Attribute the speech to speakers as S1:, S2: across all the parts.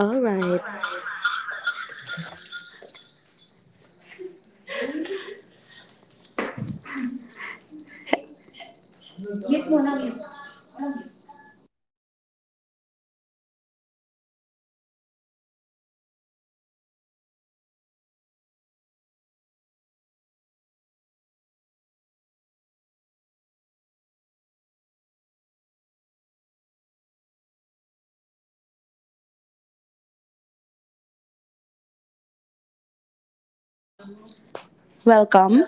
S1: All right. Welcome.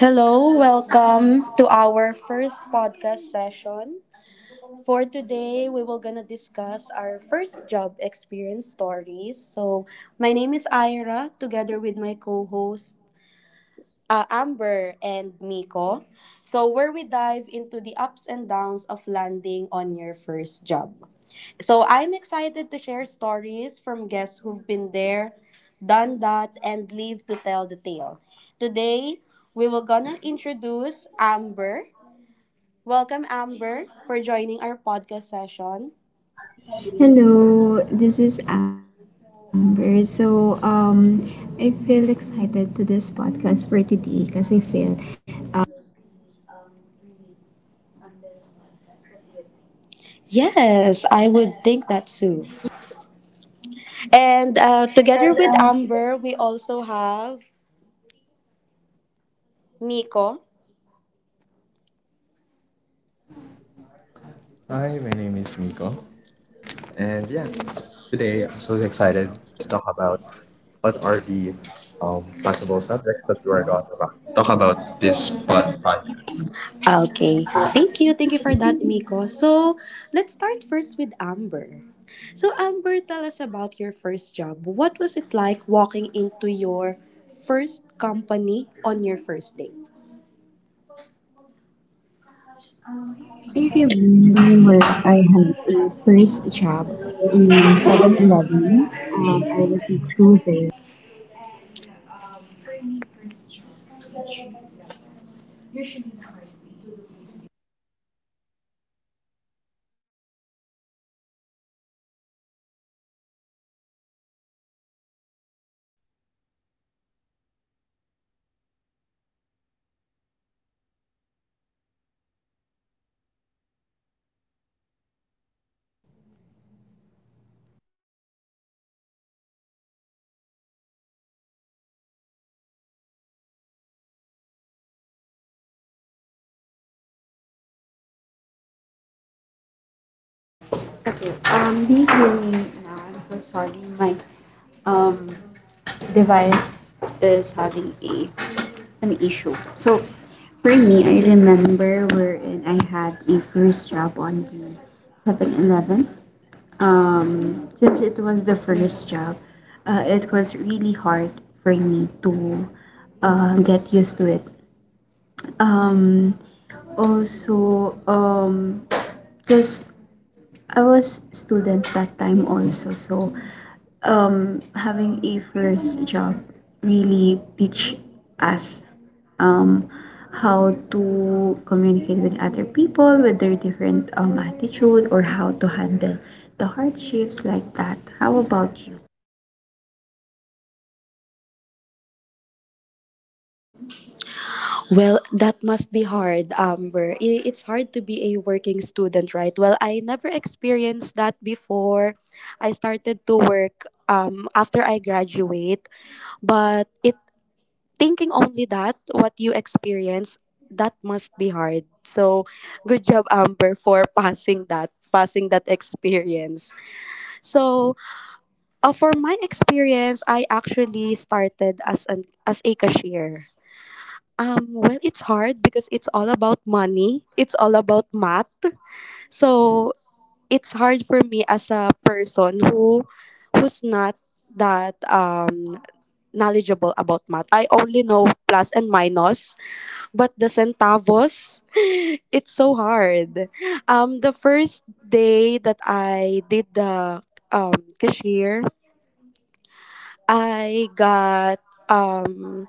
S1: Hello, welcome to our first podcast session. For today, we will gonna discuss our first job experience stories. So, my name is Ira together with my co-host Amber and Miko. So, where we dive into the ups and downs of landing on your first job. So I'm excited to share stories from guests who've been there, done that, and live to tell the tale. Today, we will gonna introduce Amber. Welcome, Amber, for joining our podcast session.
S2: Hello, this is Amber. So, I feel excited to this podcast for today because I feel uh,
S1: Yes, I would think that too. And together with Amber, we also have Nico.
S2: Hi, my name is Miko, and yeah, today I'm so excited to talk about what are the possible subjects that we're going to talk about this podcast.
S1: Okay. Thank you. Thank you for that, Miko. So, let's start first with Amber. So, Amber, tell us about your first job. What was it like walking into your first company on your first day?
S2: I remember where I had a first job in 7-Eleven. I was a crew there. Like the time you okay. Be gloomy now. I'm so sorry. My um device is having a an issue. So for me, I remember wherein I had a first job on the 7-Eleven. Since it was the first job, it was really hard for me to get used to it. Um, also, because I was student that time also, so having a first job really teach us um, how to communicate with other people with their different attitude or how to handle the hardships, like that. How about you
S1: Well, that must be hard, Amber. I- It's hard to be a working student, right? Well, I never experienced that before. I started to work after I graduate, but it thinking only that what you experience that must be hard, so good job, Amber, for passing that, passing that experience. So for my experience, I actually started as an as a cashier. Well, it's hard because it's all about money, it's all about math. So it's hard for me as a person who who's not that knowledgeable about math. I only know plus and minus, but the centavos it's so hard. The first day that I did the cashier, I got um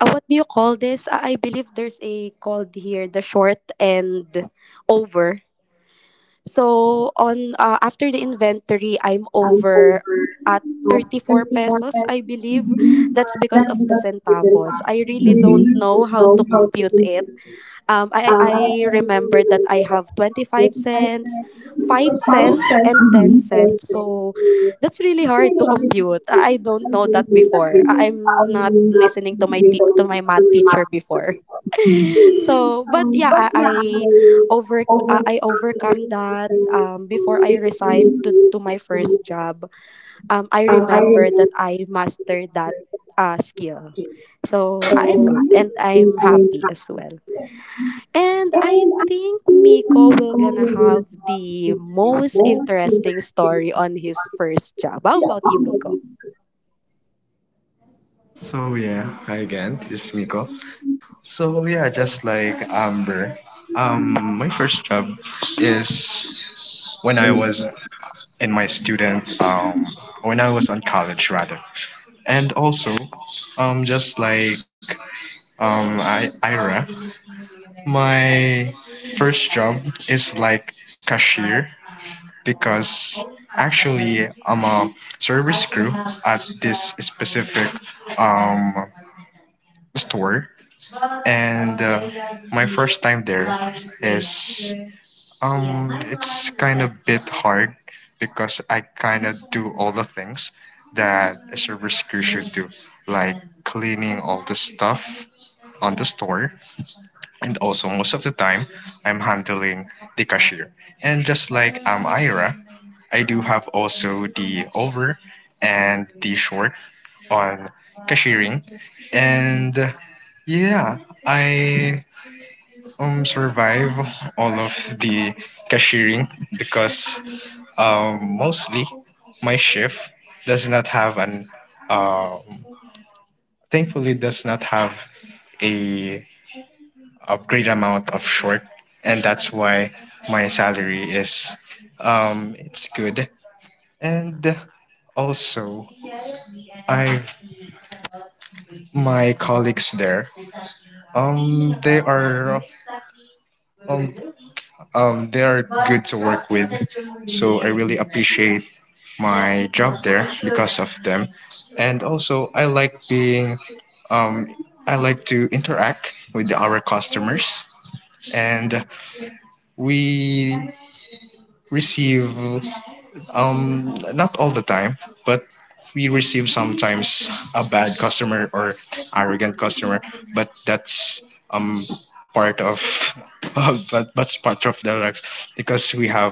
S1: what do you call this, I believe there's a called here, the short and over. So on after the inventory, I'm over
S2: over
S1: at 34
S2: 30, or
S1: pesos, I believe. That's because
S2: that's
S1: of the
S2: because of this
S1: centavos,
S2: past.
S1: I
S2: I
S1: really
S2: really
S1: don't know
S2: not
S1: how to
S2: know how to
S1: compute it.
S2: compete.
S1: Um, I,
S2: I
S1: I
S2: only
S1: remember that I
S2: remember
S1: have 25
S2: 25
S1: cents,
S2: cents,
S1: 5
S2: 5
S1: cents,
S2: cents,
S1: and 10
S2: 10
S1: cents.
S2: cents.
S1: So
S2: So,
S1: that's really hard
S2: actually,
S1: to
S2: okay po.
S1: compute. I
S2: I
S1: don't
S2: don't
S1: know that
S2: know that we
S1: before. I-
S2: will.
S1: I'm not
S2: Parang not
S1: listening to my,
S2: may
S1: te-
S2: ganun
S1: to my
S2: to
S1: math
S2: may
S1: teacher
S2: market sa
S1: before.
S2: people.
S1: So
S2: So,
S1: but yeah,
S2: but
S1: I
S2: yeah, I over after
S1: overcome
S2: this,
S1: that
S2: after
S1: before I
S2: this is
S1: resigned
S2: really
S1: to my
S2: my
S1: first
S2: first.
S1: job. I
S2: I
S1: remember that
S2: remember that
S1: I
S2: I was
S1: mastered that skill,
S2: very,
S1: so
S2: so
S1: I am good
S2: I
S1: and
S2: think
S1: I'm
S2: I
S1: happy as well.
S2: practice here.
S1: And I
S2: And I
S1: think
S2: think
S1: Miko
S2: we
S1: will
S2: go
S1: gonna
S2: will be
S1: have
S2: with the
S1: the most
S2: most
S1: interesting
S2: interesting
S1: story on
S2: story
S1: his
S2: on this
S1: first job. How
S2: Thursday
S1: about you,
S2: about the
S1: Miko?
S2: week.
S3: So yeah, hi again. This is Miko. So yeah, just like Amber, my first job is when I was in my student, when I was on college rather, and also, um, just like Ira, my first job is like cashier because actually I'm a service crew at this specific um store, and my first time there is it's kind of bit hard because I kind of do all the things that a service crew should do, like cleaning all the stuff on the store, and also most of the time I'm handling the cashier. And just like Ira, I do have also the over and the short on cashiering, and yeah, I survive all of the cashiering because mostly my shift does not have an um, thankfully, does not have a, a great amount of short, and that's why my salary is it's good, and also I've my colleagues there. Um, they are um, they are good to work with. So I really appreciate my job there because of them. And also, I like being, um, I like to interact with our customers, and we receive Um, not all the time, but we receive sometimes a bad customer or arrogant customer, but that's um part of but that's part of their life because we have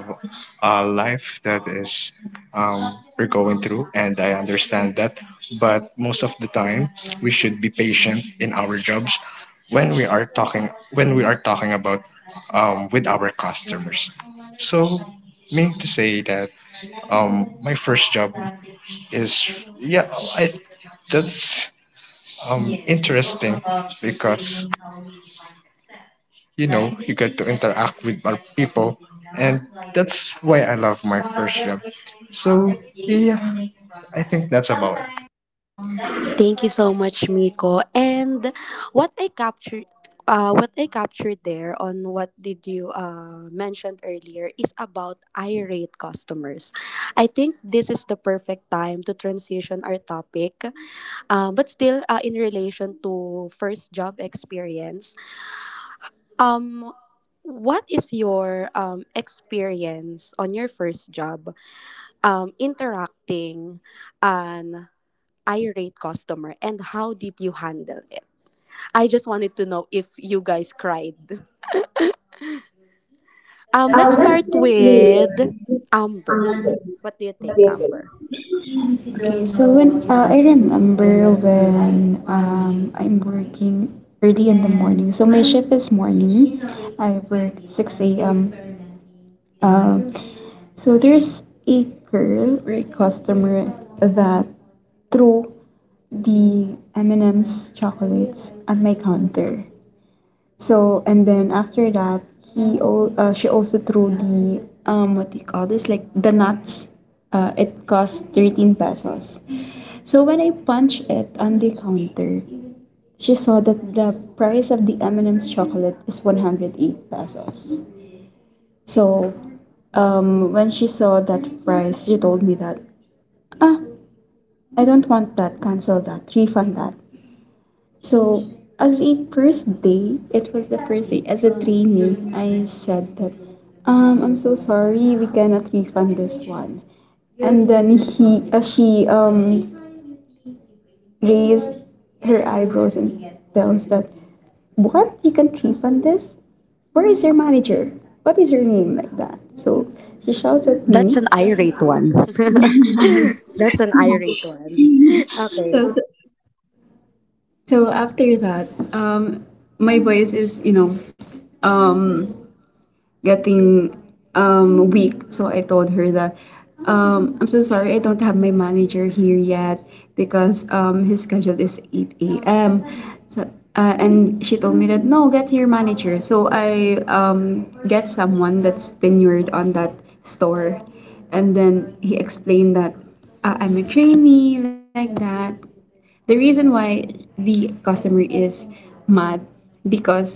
S3: a life that is we're going through, and I understand that. But most of the time, we should be patient in our jobs when we are talking about with our customers. So meaning to say that my first job is yeah, I that's interesting because you know you get to interact with other people, and that's why I love my first job. So yeah, I think that's about it.
S1: Thank you so much, Miko. And what I captured what I captured there on what did you mentioned earlier is about irate customers. I think this is the perfect time to transition our topic, but still in relation to first job experience. Um, what is your experience on your first job interacting an irate customer and how did you handle it? I just wanted to know if you guys cried. Let's start
S2: Let's start
S1: with
S2: with
S1: Amber. What do you think,
S2: the-
S1: Amber?
S2: So when I remember when I'm working early in the morning. So my shift is morning. I work 6 a.m. Uh, so there's a girl or a customer that threw the M&M's chocolates at my counter. So and then after that, she also threw the what do you call this, like the nuts. It cost 13 pesos. So when I punched it on the counter, she saw that the price of the M&M's chocolate is 108 pesos. So, when she saw that price, she told me that, ah, I don't want that, cancel that, refund that. So as a first day, it was the first day, as a trainee, I said that, I'm so sorry, we cannot refund this one. And then she raised her eyebrows and tells that, what you can trip on this, where is your manager, what is your name, like that. So she shouts at
S1: That's
S2: me.
S1: an irate one. That's an irate one. Okay.
S2: so, so after that, um, my voice is, um, getting weak. So I told her that I'm so sorry, I don't have my manager here yet because his schedule is 8 a.m. So, and she told me that, no, get your manager. So I get someone that's tenured on that store. And then he explained that I'm a trainee, like that. The reason why the customer is mad because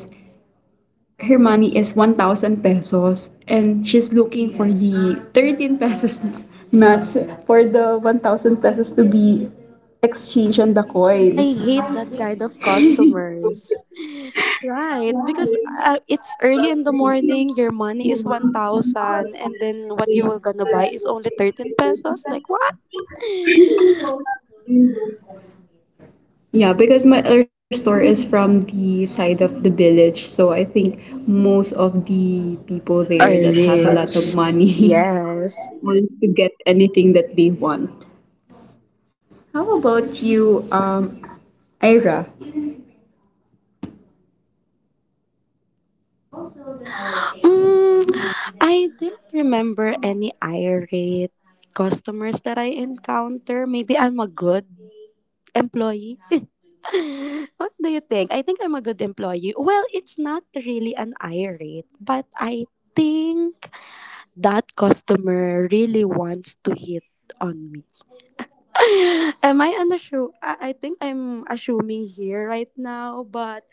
S2: her money is 1,000 pesos and she's looking for, yes, the 13 pesos nuts for the 1,000 pesos to be exchanged on the
S1: I
S2: coins.
S1: hate that kind of customers. Right, because it's early in the morning, your money is 1,000 and then what you were gonna buy is only 13 pesos. Like what?
S2: Yeah, because my other store is from the side of the village, so I think most of the people
S1: Are
S2: there that have a lot of
S1: rich.
S2: money
S1: Yes.
S2: wants to get anything that they want. How about you, Ira?
S1: Mm, I didn't remember any irate customers that I encounter. Maybe I'm a good employee. What do you think? I think I'm a good employee. Well, it's not really an irate, but I think that customer really wants to hit on me. Am I unassure? I think I'm assuming here right now, but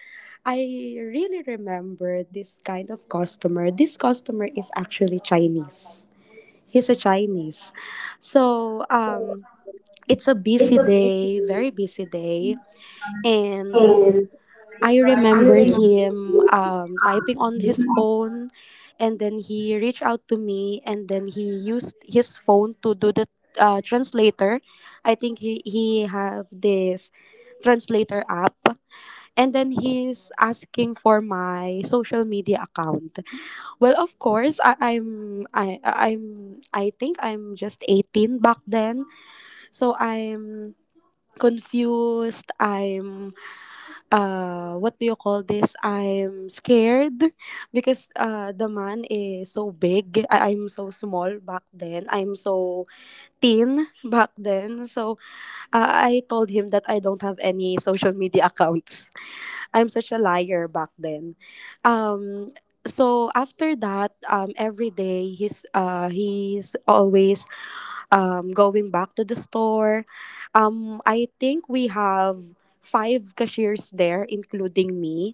S1: I really remember this kind of customer. This customer is actually Chinese. He's a Chinese. So,
S2: So
S1: it's a busy
S2: it's a busy,
S1: day, very busy day. And
S2: and
S1: I
S2: I
S1: remember
S2: remember
S1: him typing on his phone, and then he reached out to me and then he used his phone to do the translator. I think he have this translator app, and then he's asking for my social media account. Well, of course, I think I'm just 18 back then. So I'm confused. I'm what do you call this, I'm scared because the man is so big. I- I'm so small back then, I'm so thin back then. So I told him that I don't have any social media accounts. I'm such a liar back then. um so after that, every day he's always going back to the store. I think we have 5 cashiers there including me.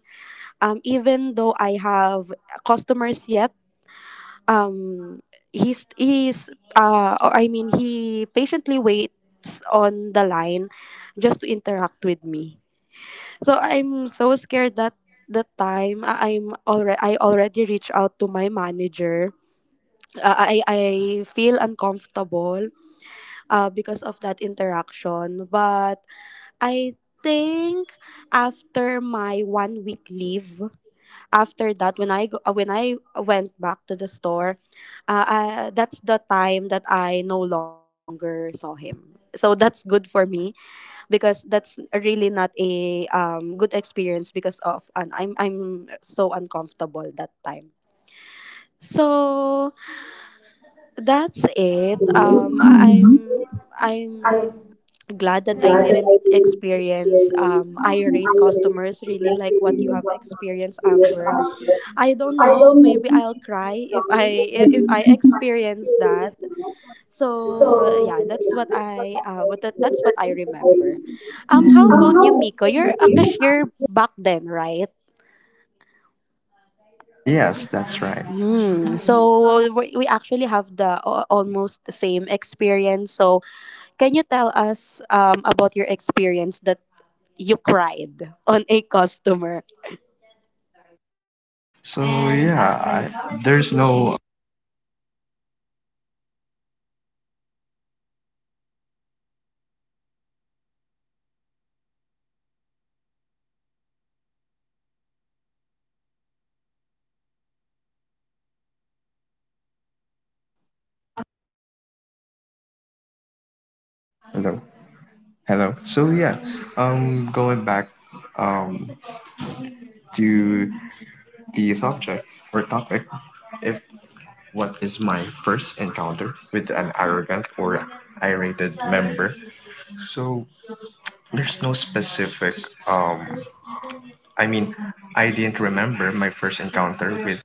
S1: Even though I have customers yet, um, he's or I mean he patiently waits on the line just to interact with me. So I'm so scared that the time I already reached out to my manager. Uh, I feel uncomfortable because of that interaction. But I think after my 1 week leave, after that when I went back to the store, that's the time that I no longer saw him, so that's good for me because that's really not a good experience because of, and I'm so uncomfortable that time. So that's
S2: that's
S1: it. um I- am
S2: mhm.
S1: i'm
S2: I
S1: glad that I
S2: glad that
S1: didn't
S2: I didn't
S1: experience
S2: experience
S1: irate
S2: IRA
S1: customers really
S2: because they
S1: like what you
S2: didn't
S1: have
S2: what not
S1: experienced,
S2: experience
S1: Amber.
S2: IRA.
S1: I don't
S2: I
S1: know.
S2: don't know
S1: Maybe
S2: if I
S1: I'll
S2: can
S1: cry
S2: wrong if I
S1: if I
S2: didn't my
S1: experience
S2: experience
S1: that.
S2: in that. So
S1: So yeah,
S2: yeah,
S1: that's what
S2: that's what I like,
S1: that's what I
S2: that's the whole
S1: remember.
S2: experience.
S1: How about you,
S2: How
S1: Miko?
S2: about
S1: You're
S2: you? Do
S1: a
S2: you
S1: cashier
S2: have
S1: back then, right?
S3: Yes, that's right.
S1: Hmm. So we actually have the a- almost same experience. So can you tell us about your experience that you cried on a customer?
S3: So yeah, there's no hello, hello. So yeah, going back um to the subject or topic, if what is my first encounter with an arrogant or irritated member? So there's no specific um I mean I didn't remember my first encounter with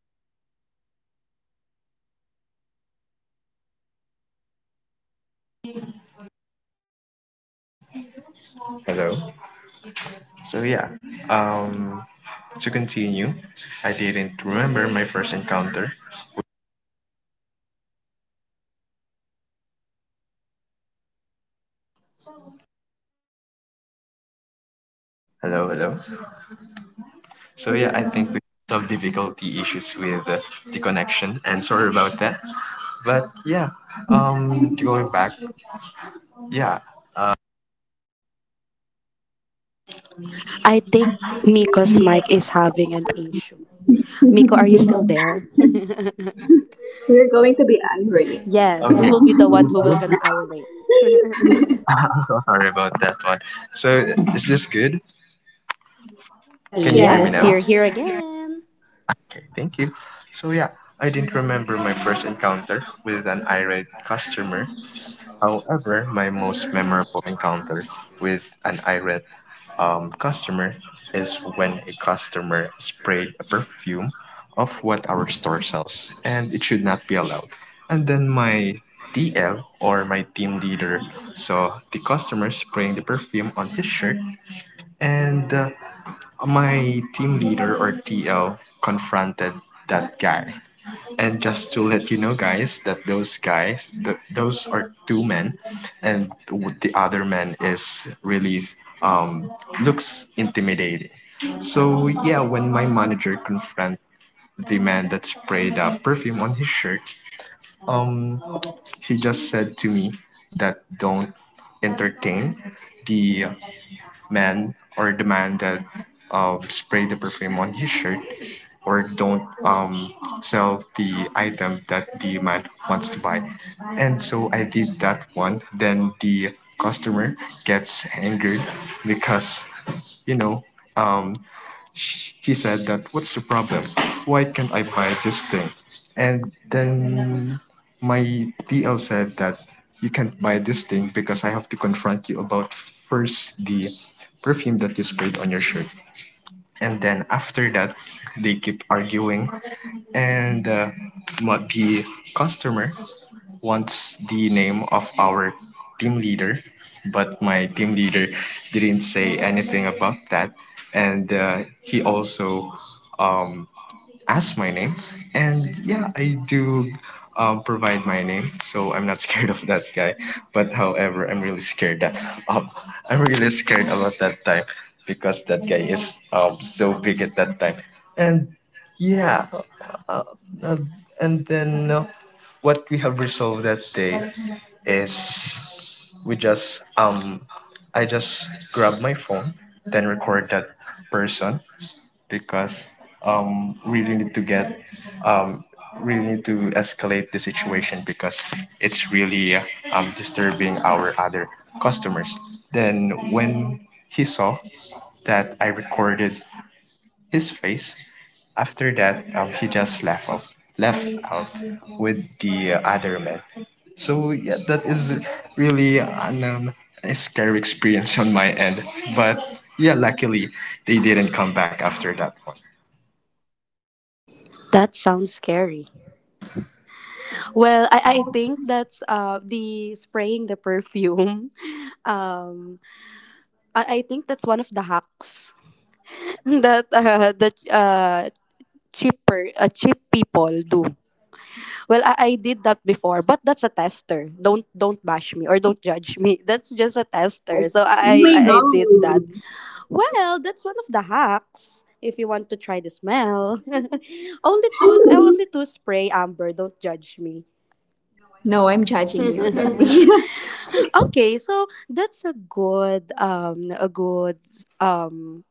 S3: hello. So yeah, um to continue, I didn't remember my first encounter. Hello, hello. So yeah, I think we have difficulty issues with the connection, and sorry about that. But yeah, going back, yeah, uh,
S1: I think
S2: anything
S1: Miko's
S2: in this?
S1: mic is having an issue. Miko, are you still there?
S2: We're going to be angry.
S1: Yes,
S3: I'm
S1: we
S3: here.
S1: will be the
S3: Is
S1: one
S3: it
S1: who will
S3: good?
S1: gonna irate.
S3: I'm so sorry about that one. So, is this good? Can you hear
S1: Yep,
S3: me, yes,
S2: Yes. Yeah.
S3: now?
S1: you're here again.
S3: Okay, thank you. So, yeah, I didn't remember my first encounter with an irate customer. However, my most memorable encounter with an irate customer is when a customer sprayed a perfume of what our store sells, and it should not be allowed. And then my TL or my team leader saw the customer spraying the perfume on his shirt, and my team leader or TL confronted that guy. And just to let you know, guys, that those guys, those are two men, and the other man is really um looks intimidating. So yeah, when my manager confront the man that sprayed perfume on his shirt, um, he just said to me that don't entertain the the man that sprayed the perfume on his shirt, or don't sell the item that the man wants to buy. And so I did that one. Then the customer gets angered because, you know, um, she said that, what's the problem? Why can't I buy this thing? And then my TL said that you can't buy this thing because I have to confront you about first the perfume that you sprayed on your shirt. And then after that, they keep arguing, and the customer wants the name of our team leader, but my team leader didn't say anything about that. And he also um, asked my name, and yeah, I do provide my name, so I'm not scared of that guy. But however, I'm really scared that um, I'm really scared about that time because that guy is so big at that time. And yeah, uh, uh, and then what we have resolved that day is we just I just grab my phone then record that person because um really need to get um really need to escalate the situation because it's really disturbing our other customers. Then when he saw that I recorded his face, after that he just left out, left out with the other men. So yeah, that is really a scary experience on my end, but yeah, luckily they didn't come back after that one.
S1: That sounds scary. Well, I think that's the spraying the perfume. Um, I think that's one of the hacks that cheaper cheap people do. Well, I did that before, but that's a tester. Don't bash me or don't judge me. That's just a tester.
S2: Oh
S1: So I
S2: my,
S1: I, I did that. Well, that's one of the hacks if you want to try the smell. Only two. I only two spray, Amber, don't judge me.
S2: no, I'm judging you already.
S1: Okay, so that's a good um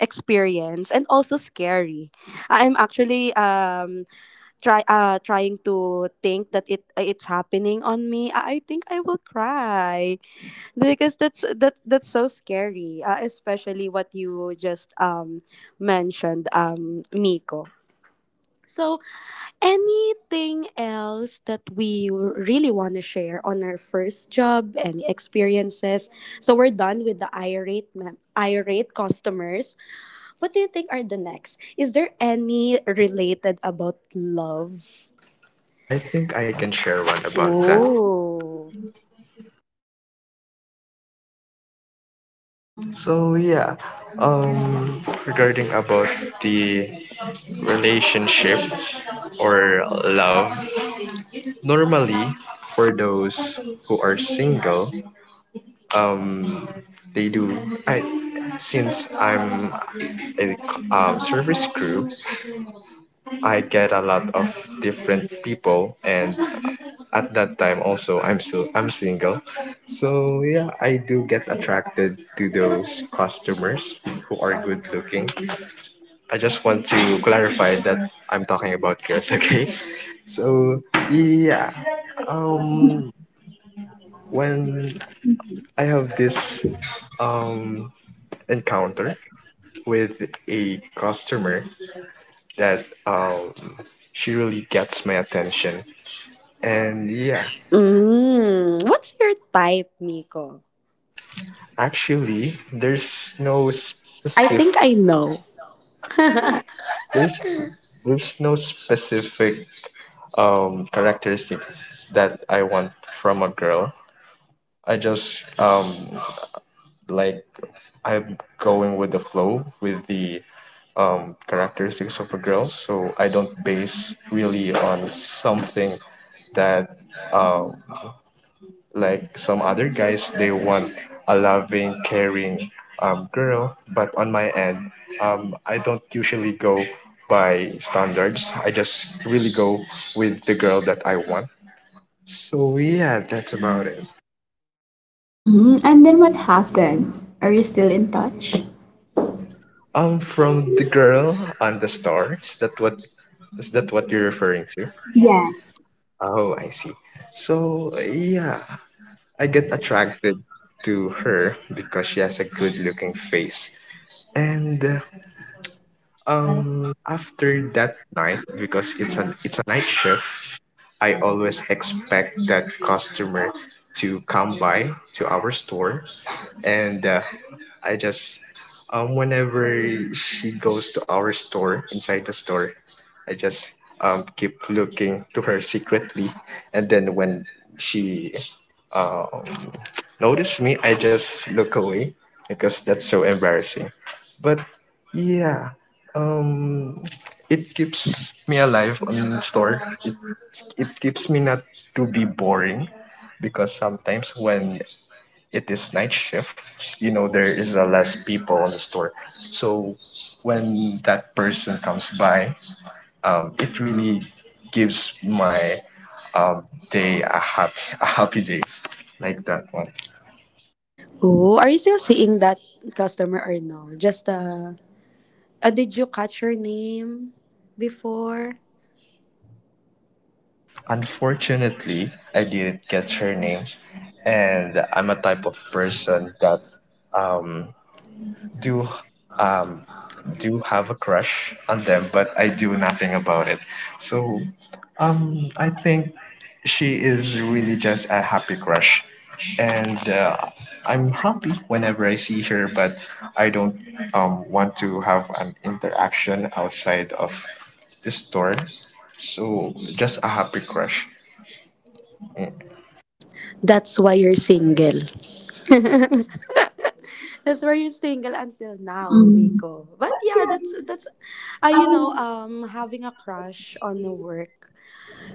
S1: experience and also scary. I'm actually trying to think that it it's happening on me. I think I will cry because that's so scary, especially what you just mentioned, Miko. So anything else that we really want to share on our first job and experiences? So we're done with the irate irate customers. What do you think are the next, is there any related about love?
S3: I think I can share one about that.
S1: Ooh.
S3: So yeah, um regarding about the relationship or love, normally for those who are single, um, they do. I since I'm a service crew, I get a lot of different people, and at that time also I'm still I'm single, so yeah, I do get attracted to those customers who are good looking. I just want to clarify that I'm talking about girls, okay? So yeah, um, when I have this um encounter with a customer that she really gets my attention. And yeah,
S1: Mm, what's your type, Miko?
S3: actually, no
S1: I
S3: specific
S1: think I know.
S3: there's there's no specific characteristics that I want from a girl. I just like I'm going with the flow with the characteristics of a girl, so I don't base really on something that um like some other guys, they want a loving, caring girl. But on my end, I don't usually go by standards. I just really go with the girl that I want. So yeah, that's about it.
S2: Hmm. And then what happened? Are you still in touch?
S3: From the girl on the star. Is that what you're referring to?
S2: Yes.
S3: Oh, I see. So, yeah, I get attracted to her because she has a good looking face. And after that night, because it's a night shift, I always expect that customer to come by to our store, and I just whenever she goes to our store inside the store, I just keep looking to her secretly, and then when she uh notice me, I just look away because that's so embarrassing. But yeah, um, it keeps me alive on store. It keeps me not to be boring because sometimes when it is night shift, you know there is a less people on the store. So when that person comes by, it really gives my um, day a happy day like that one.
S1: Oh, are you still seeing that customer or no? Just did you catch her name before?
S3: Unfortunately, I didn't get her name, and I'm a type of person that um do um do have a crush on them, but I do nothing about it. So I think she is really just a happy crush, and I'm happy whenever I see her, but I don't want to have an interaction outside of the store. So just a happy crush. Mm.
S1: That's why you're single. That's why you're single until now,
S2: Mm.
S1: Miko. But yeah, that's you know, having a crush on the work,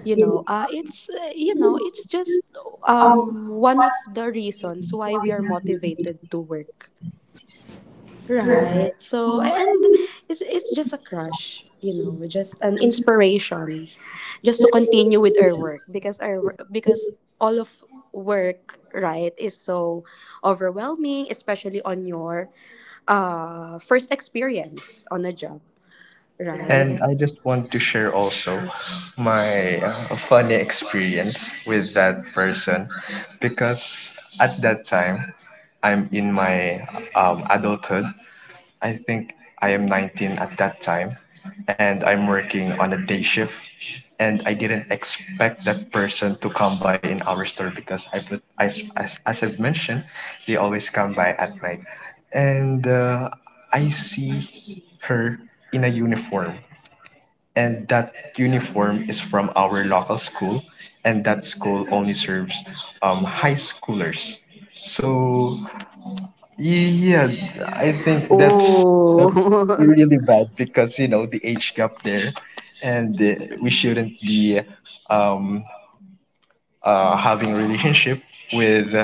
S1: you know, it's you know, it's just one of the reasons why we are motivated to work. Right. So and it's just a crush, you know, just an inspiration, just to continue with our work because our because all of work, right, is so overwhelming, especially on your first experience on a job, right?
S3: And I just want to share also my funny experience with that person because at that time I'm in my adulthood. I think I am 19 at that time and I'm working on a day shift. And I didn't expect that person to come by in our store because I, was- I as I've mentioned, they always come by at night. And I see her in a uniform, and that uniform is from our local school, and that school only serves high schoolers. So yeah, I think that's that's
S1: Ooh.
S3: really bad because you know the age gap there, and we shouldn't be um, having a relationship with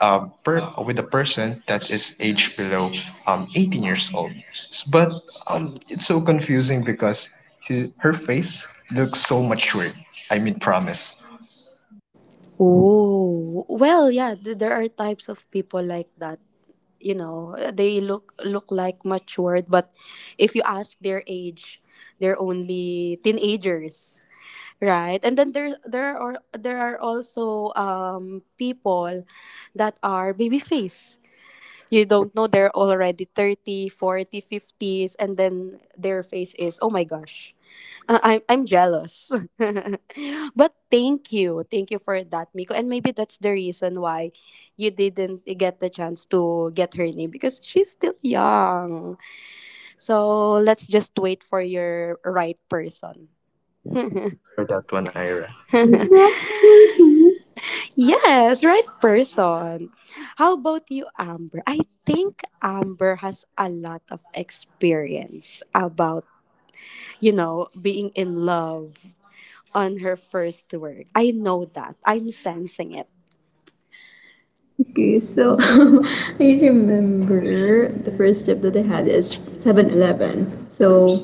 S3: with a person that is aged below 18 years old. But it's so confusing because her face looks so matured. I mean, promise.
S1: Ooh. Well, yeah, th- there are types of people like that. You know, eh, they look like matured, but if you ask their age, they're only teenagers. Right. And then there are also people that are baby face. You don't know, they're already 30, 40, 50s, and then their face is, oh my gosh, I'm jealous. But thank you for that, Miko. And maybe that's the reason why you didn't get the chance to get her name, because she's still young. So let's just wait for your right person.
S3: Yeah, thank you for that one, Ira.
S2: Correct person.
S1: Yes, right person. How about you, Amber? I think Amber has a lot of experience about, you know, being in love on her first work. I know that. I'm sensing it.
S2: Okay, so I remember the first job that I had is 7-Eleven. So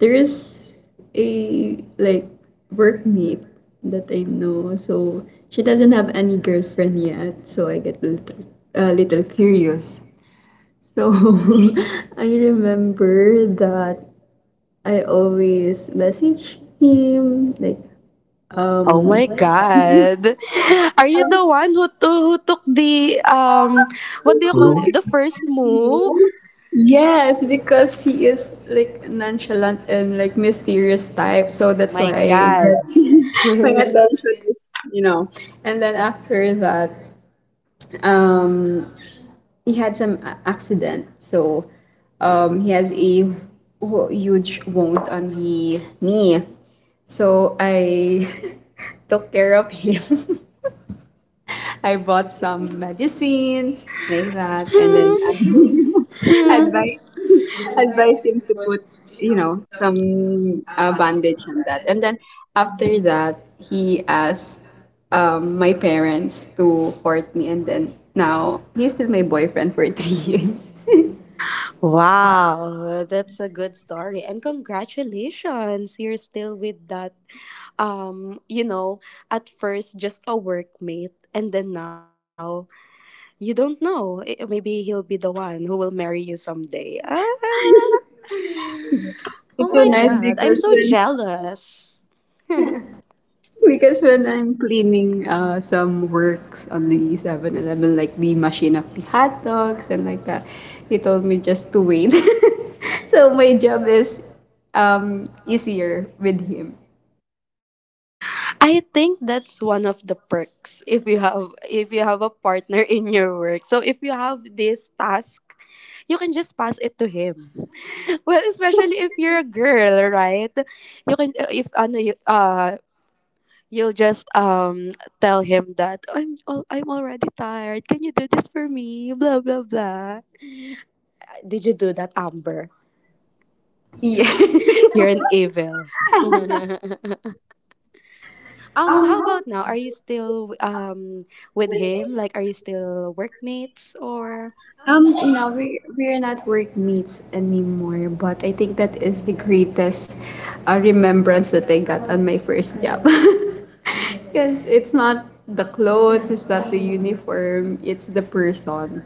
S2: there is a like workmate that I know. So she doesn't have any girlfriend yet. So I get a little curious. So I remember that I always message him like
S1: Oh
S2: um
S1: my god. Are you the one who, to, who took the what do
S3: First
S1: you call
S3: rule,
S1: it, the first move?
S2: Yes, because he is like nonchalant and like mysterious type, so that's
S1: My
S2: why I
S1: god.
S2: get my attention is. And then after that, um, he had some accident, so he has a huge wound on the knee. So I took care of him. I bought some medicines like that, and then
S1: Hmm.
S2: advice advise him to put some bandage on that, and then after that he asked my parents to court me, and then now he's still my boyfriend for 3 years.
S1: Wow, that's a good story. And congratulations, you're still with that, you know, at first just a workmate and then now, you don't know. I- Maybe he'll be the one who will marry you someday. Ah! Oh
S2: It's
S1: my
S2: so nice
S1: god, I'm
S2: because
S1: so
S2: when
S1: jealous.
S2: because when I'm cleaning some works on the 7-Eleven, like the machine of the hot dogs and like that, he told me just to wait. so my job is easier with him.
S1: I think that's one of the perks if you have a partner in your work. So if you have this task, you can just pass it to him. Well, especially if you're a girl, right? You can if ano you- you'll just tell him that I'm already tired. Can you do this for me? Blah blah blah. Did you do that, Amber?
S2: Yes.
S1: You're an evil. How
S2: How?
S1: about now? Are you still with him? Like, are you still workmates or?
S2: No, we're not workmates anymore, but I think that is the greatest remembrance that I got on my first job. Because it's not the clothes, it's not the uniform, it's the person.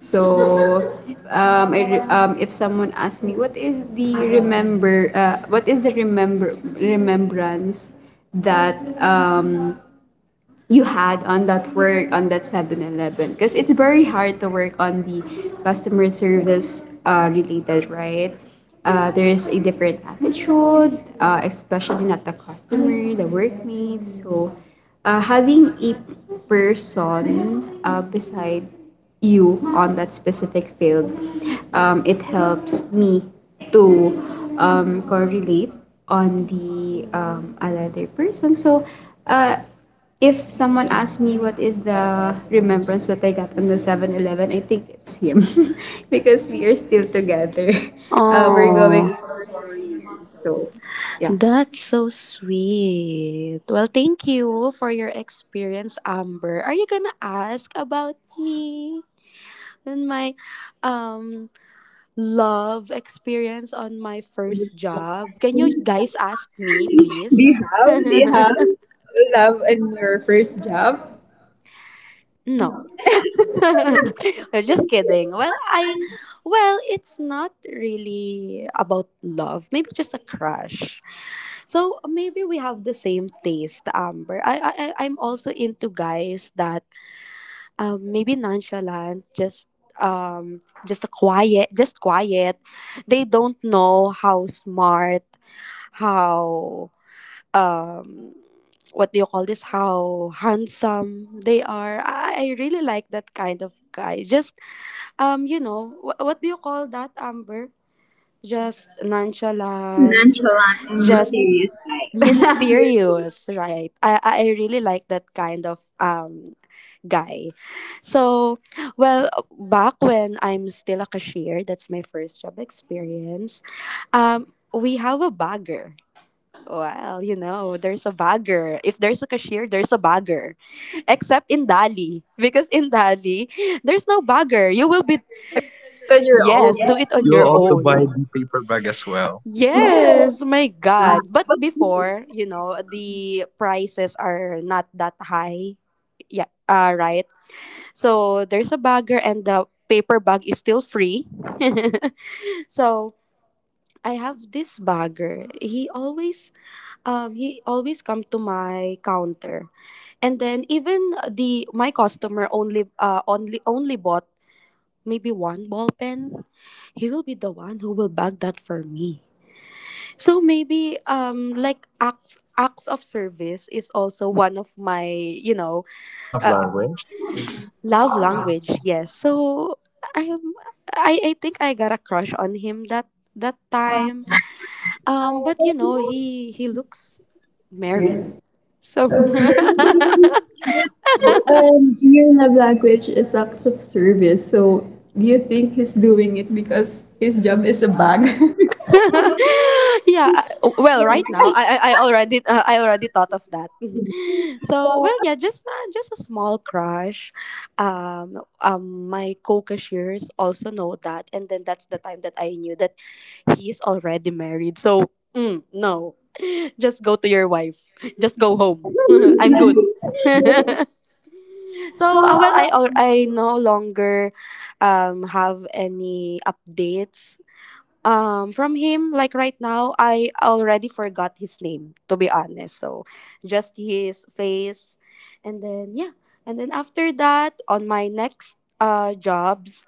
S2: So, if someone asks me, what is the what is the remember remembrance that you had on that work on that 7-Eleven. Because it's very hard to work on the customer service related, right? There's a different attitude, especially not the customer, the workmates. So having a person beside you on that specific field, it helps me to correlate on the another person. So uh, if someone asks me what is the remembrance that I got on the 7-Eleven, I think it's him because we are still together. We're, oh, going
S1: Oh.
S2: on for 4 years. So, yeah.
S1: That's so sweet. Well, thank you for your experience, Amber. Are you gonna ask about me and my um love experience on my first
S2: They
S1: job? Can you guys ask me, please?
S2: have? They have love in your first job?
S1: No. Just kidding. Well, I well, it's not really about love. Maybe just a crush. So maybe we have the same taste, Amber. I'm also into guys that maybe nonchalant, just a quiet, just quiet. They don't know how smart, how um what do you call this, how handsome they are, I really like that kind of guy, just you know, what do you call that, Amber? Just nonchalant,
S2: Nonchalant and
S1: just
S2: mysterious type.
S1: mysterious, right? I really like that kind of guy. So, well, back when I'm still a cashier, that's my first job experience. We have a bagger. Well, you know, there's a bagger. If there's a cashier, there's a bagger. Except in Dali. Because in Dali, there's no bagger. You will be,
S2: Because you're old.
S1: yes, do it on
S3: you will
S1: your
S3: also buy
S1: own.
S3: the paper bag as well.
S1: Yes, my God. But before, you know, the prices are not that high. Yeah, right. So there's a bagger and the paper bag is still free. so I have this bagger. He always come to my counter. And then, even the my customer only only bought maybe one ball pen, he will be the one who will bag that for me. So maybe like acts of service is also one of my, you know,
S3: Love
S1: uh,
S3: language.
S1: love language. Yes. So I am, I think I got a crush on him that time. But you know, he looks married, so.
S2: Okay. Your love language is acts of service. So, do you think he's doing it because his job is a bag?
S1: yeah. I- Well, right now, I already I already thought of that. so, well, yeah, just a small crush. My co-cashiers also know that, and then that's the time that I knew that he's already married. So no, just go to your wife. Just go
S2: So,
S1: home. I'm good.
S2: so
S1: so well,
S2: our
S1: I no longer have any updates from him. Like right now, I already forgot his name, to be honest, so just his face. And then, yeah. And then, after that, on my next jobs,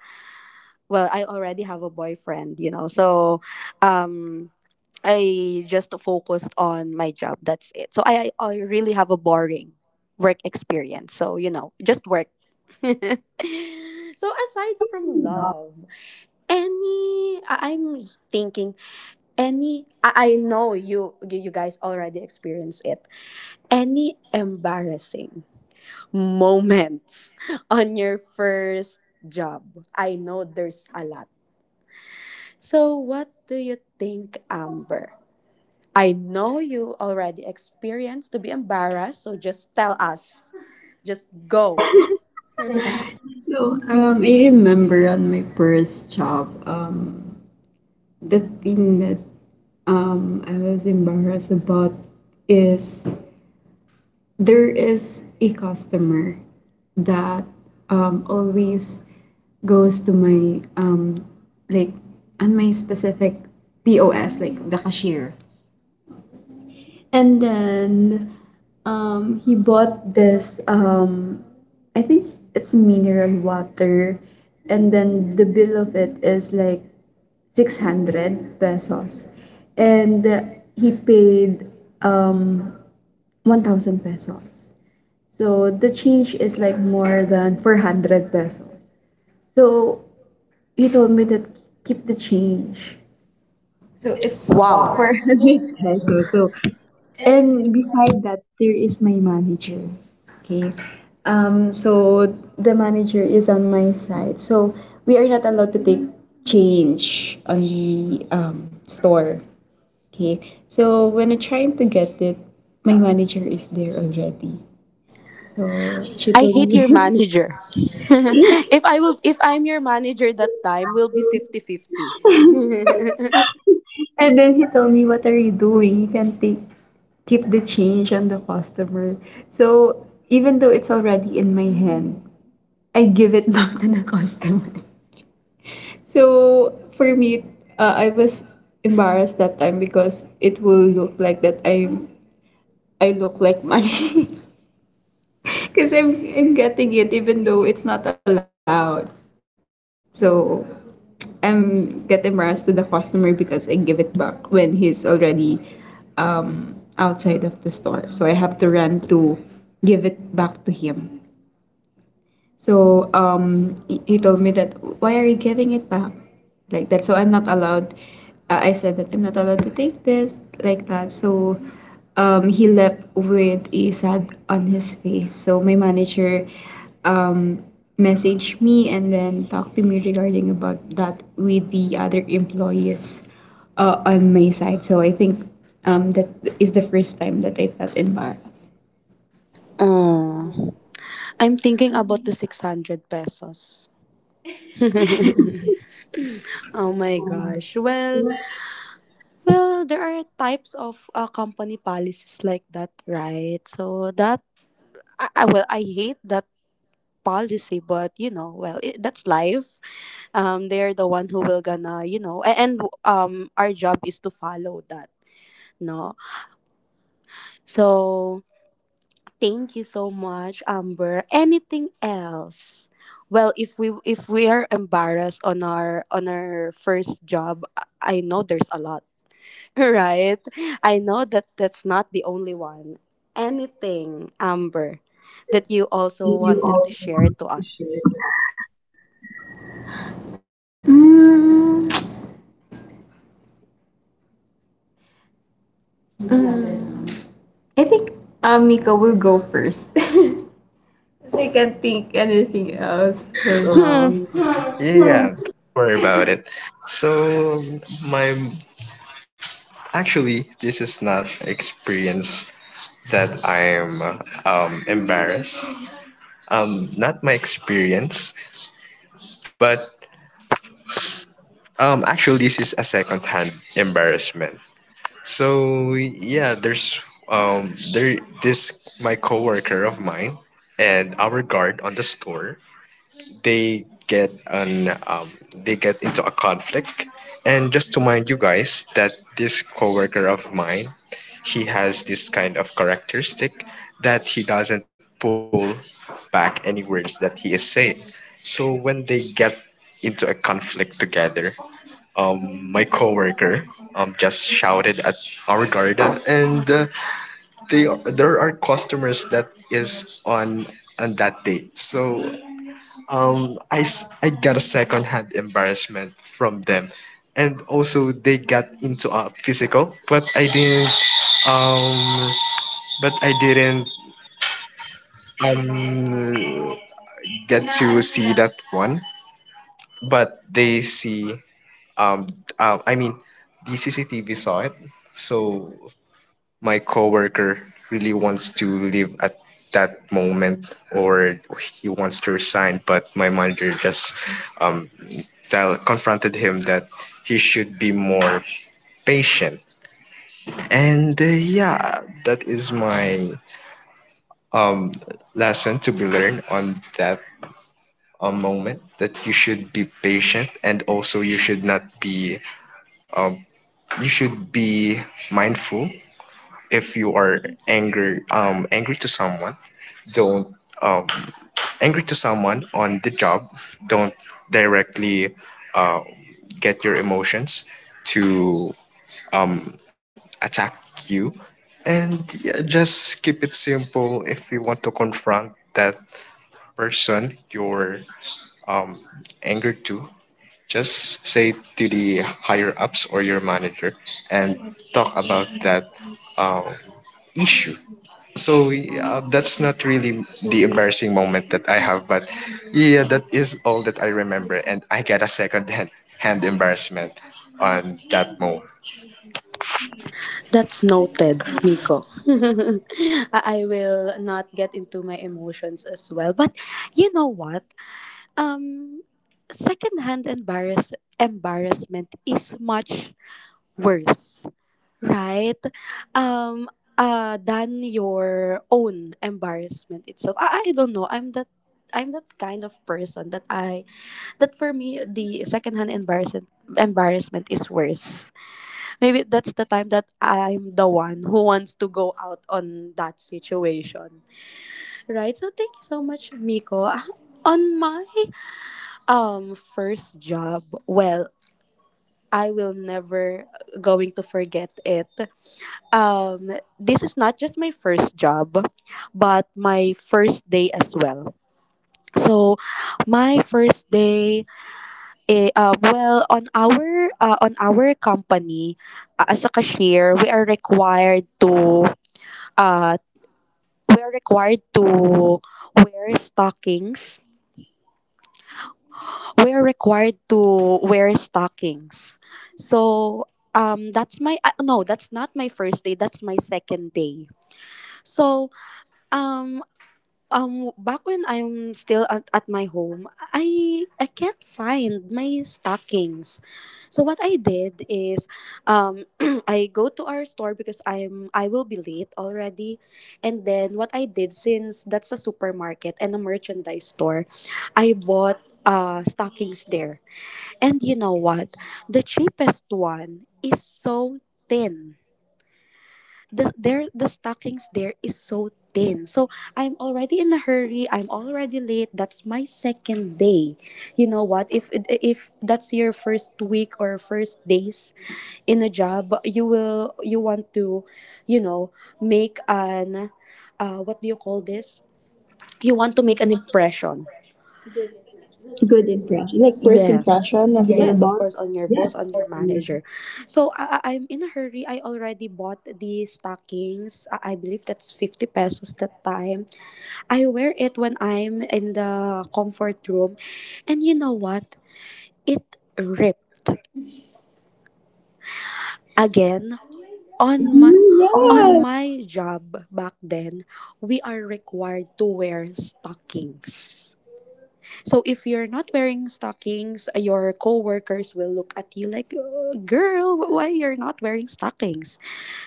S1: well, I already have a boyfriend, you know, so um I just focused on my job, that's it. So I really have a boring work experience. So, you know, just work. so, aside from love, any I- I'm thinking any, I know you, you guys already experienced it. Any embarrassing moments on your first job? I know there's a lot. So, what do you think, Amber? I know you already experienced to be embarrassed, so just tell us. Just go.
S2: So, I remember on my first job, the thing that I was embarrassed about is there is a customer that always goes to my like on my specific POS, like the, and then he bought this, I think it's mineral water. And then the bill of it is like 600 pesos. And he paid um, 1,000 pesos. So the change is like more than 400 pesos. So he told me that keep the change. So it's,
S1: Wow.
S2: wow, for 100 pesos. So, and beside that, there is my manager. Okay. So the manager is on my side. So we are not allowed to take change on the store. Okay. So when I trying to get it, my manager is there already. So she
S1: I
S2: told
S1: hate
S2: me.
S1: your manager. if I will, if I'm your manager that time, will be fifty-fifty. 50.
S2: And then he told me, what are you doing? You can take keep the change on the customer. So even though it's already in my hand, I give it back to the customer. So for me, I was embarrassed that time because it will look like that I look like money because I'm getting it even though it's not allowed. So I'm get embarrassed to the customer because I give it back when he's already outside of the store. So I have to run to give it back to him. So he told me that, why are you giving it back, like that. So I'm not allowed. I said that I'm not allowed to take this, like that. So he left with a sad on his face. So my manager um, messaged me and then talked to me regarding about that with the other employees on my side. So I think that is the first time that I felt embarrassed.
S1: Mm. I'm thinking about the 600 pesos. Oh my gosh. Well, well, there are types of company policies like that, right? So that, I well, I hate that policy, but you know, well, that's life. They're the one who will gonna, you know, and our job is to follow that, no. So thank you so much, Amber. Anything else? If we are embarrassed on our first job, I know there's a lot, right? I know that that's not the only one. Anything, Amber, that you also wanted
S2: Did
S1: to
S2: you
S1: share to
S2: also want
S1: us?
S2: to share? Mm, mm. I think Mika will go first. 'Cause I can't think anything else for
S3: So
S1: Hmm,
S2: now.
S3: yeah, don't worry about it. So my actually, this is not experience that I am embarrassed. Not my experience, but actually, this is a second-hand embarrassment. So yeah, there's there this my coworker of mine and our guard on the store. They get an um, they get into a conflict. And just to mind you guys that this coworker of mine, he has this kind of characteristic that he doesn't pull back any words that he is saying. So when they get into a conflict together, my coworker just shouted at our garden, and there are customers that is on that day. So I got a second hand embarrassment from them, and also they got into a physical, um, but I didn't um get to see that one, but they see um um I mean the CCTV saw it. So my coworker really wants to leave at that moment, or he wants to resign, but my manager just um tell confronted him that he should be more patient. And yeah, that is my um lesson to be learned on that, a moment that you should be patient and also you should not be um, you should be mindful. If you are angry, angry to someone, don't um angry to someone on the job, don't directly uh, get your emotions to um attack you. And yeah, just keep it simple. If you want to confront that person you're um angered to, just say to the higher ups or your manager and talk about that um, issue. So yeah, that's not really the embarrassing moment that I have, but yeah, that is all that I remember, and I got a second hand embarrassment on that moment.
S1: that's noted, Miko. I will not get into my emotions as well. But you know what? Um, Secondhand embarrassment is much worse, right? Um, than your own embarrassment itself. I don't know. I'm that kind of person that I that for me, the secondhand embarrassment is worse. Maybe that's the time that I'm the one who wants to go out on that situation, right? So thank you so much, Miko. Ah, on my first job. Well, I will never going to forget it. This is not just my first job, but my first day as well. So, my first day, well, on our company, as a cashier, we are required to, uh, we are required to wear stockings, we're required to wear stockings. So that's my no, that's not my first day, that's my second day. So, um back when I'm still at my home, I can't find my stockings. So what I did is, um I go to our store because I will be late already. And then, what I did, since that's a supermarket and a merchandise store, I bought stockings there. And you know what? The cheapest one is so thin. The stockings there is so thin. So I'm already in a hurry. I'm already late. That's my second day. You know what? If that's your first week or first days in a job, you will you want to, you know, make an what do you call this? You want to make an impression. Yes.
S2: One of your,
S1: Yes,
S2: yes,
S1: of course,
S2: boss.
S1: on your boss,
S2: Yes,
S1: on
S2: of
S1: your
S2: course, we are.
S1: manager. So, I'm in a hurry. I already bought the stockings. I believe that's 50 pesos that time. I wear it when I'm in the comfort room. And you know what? It ripped again
S2: Again,
S1: on my
S2: oh my
S1: on
S2: God.
S1: my job back then. We are required to wear stockings. So if you're not wearing stockings, your coworkers will look at you like, Girl, why you're not wearing stockings?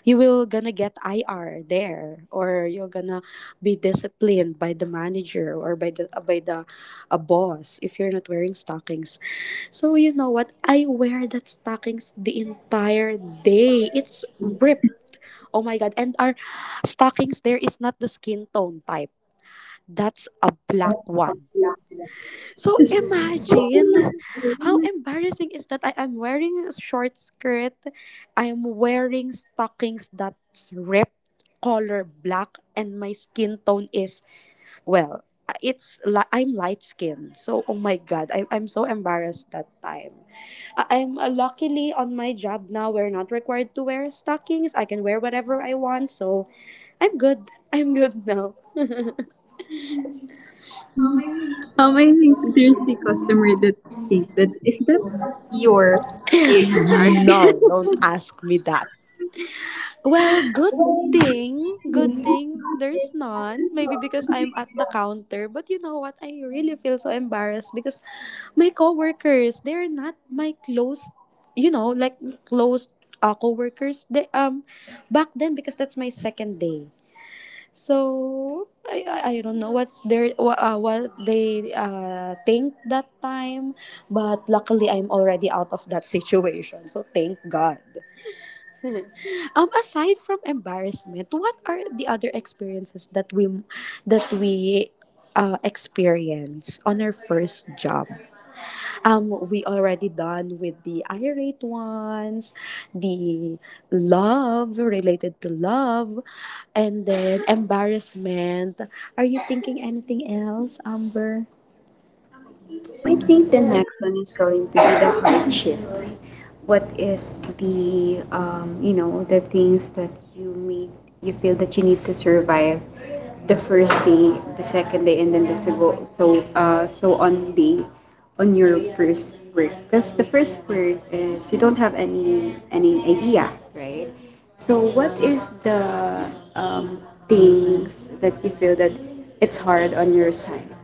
S1: You will gonna get IR there, or you're gonna be disciplined by the manager or by the a boss if you're not wearing stockings." So you know what? I wear that stockings the entire day. It's ripped. Oh my god! And our stockings there is not the skin tone type. That's a black
S2: That's a
S1: one.
S2: black
S1: So
S2: question. So
S1: imagine how
S2: imagine,
S1: embarrassing is that, I am wearing a short skirt. I am wearing stockings that's ripped, color black, and my skin tone is, well, it's li-, I'm light skinned, so oh my god, I'm so embarrassed that time. I- I'm Luckily on my job now, we're not required to wear stockings. I can wear whatever I want, so I'm good. I'm good now.
S2: I think there's a customer that think that is that your skin mark.
S1: no, don't ask me that. Well,
S2: Well,
S1: good thing there's none. Maybe because I'm at the counter. But you know what? I really feel so embarrassed because my coworkers, they're not my close, you know, like close coworkers. They back then, because that's my second day. So I don't know what's their what they think that time, but luckily I'm already out of that situation. So thank God. Aside from embarrassment, what are the other experiences that we experience on our first job? We already done with the irate ones, the love, related to love, and then embarrassment. Are you thinking anything else, Amber?
S2: I think the next one is going to be the hardship. What is the the things that you made you feel that you need to survive the first day, the second day, and then the so on day on your first work. Because the first work is you don't have any idea, right? So what is the um things that you feel that it's hard on your side?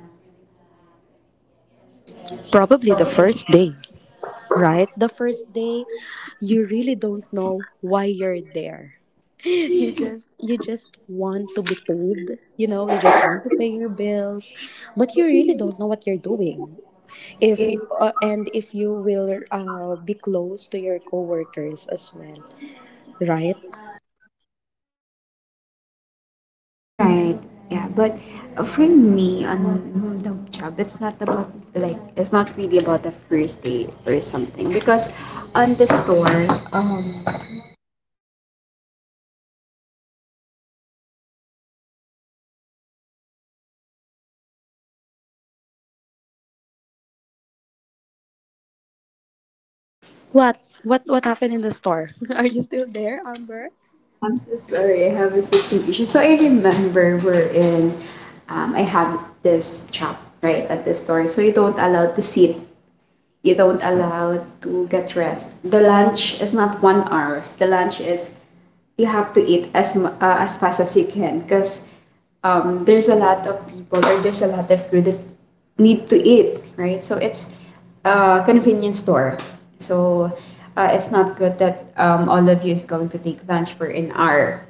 S1: Probably the first day, right? The first day, you really don't know why you're there. You just want to be paid, you know, you just want to pay your bills, but you really don't know what you're doing, if you, and if you will be close to your coworkers as well, right?
S2: Right. Yeah. But for me, on the job, it's not about it's not really about the first date or something because on the store, um,
S1: What happened in the store? are you still there, Amber?
S2: yeah, I'm so sorry, I have a system issue. So I remember I have this job right at the store, so you don't allow to sit. You don't allow to get rest. The lunch is not 1 hour. The lunch is you have to eat as fast as you can because there's a lot of people or there's a lot of crew that need to eat, right? So it's a convenience store. So it's not good that all of you is going to take lunch for an hour.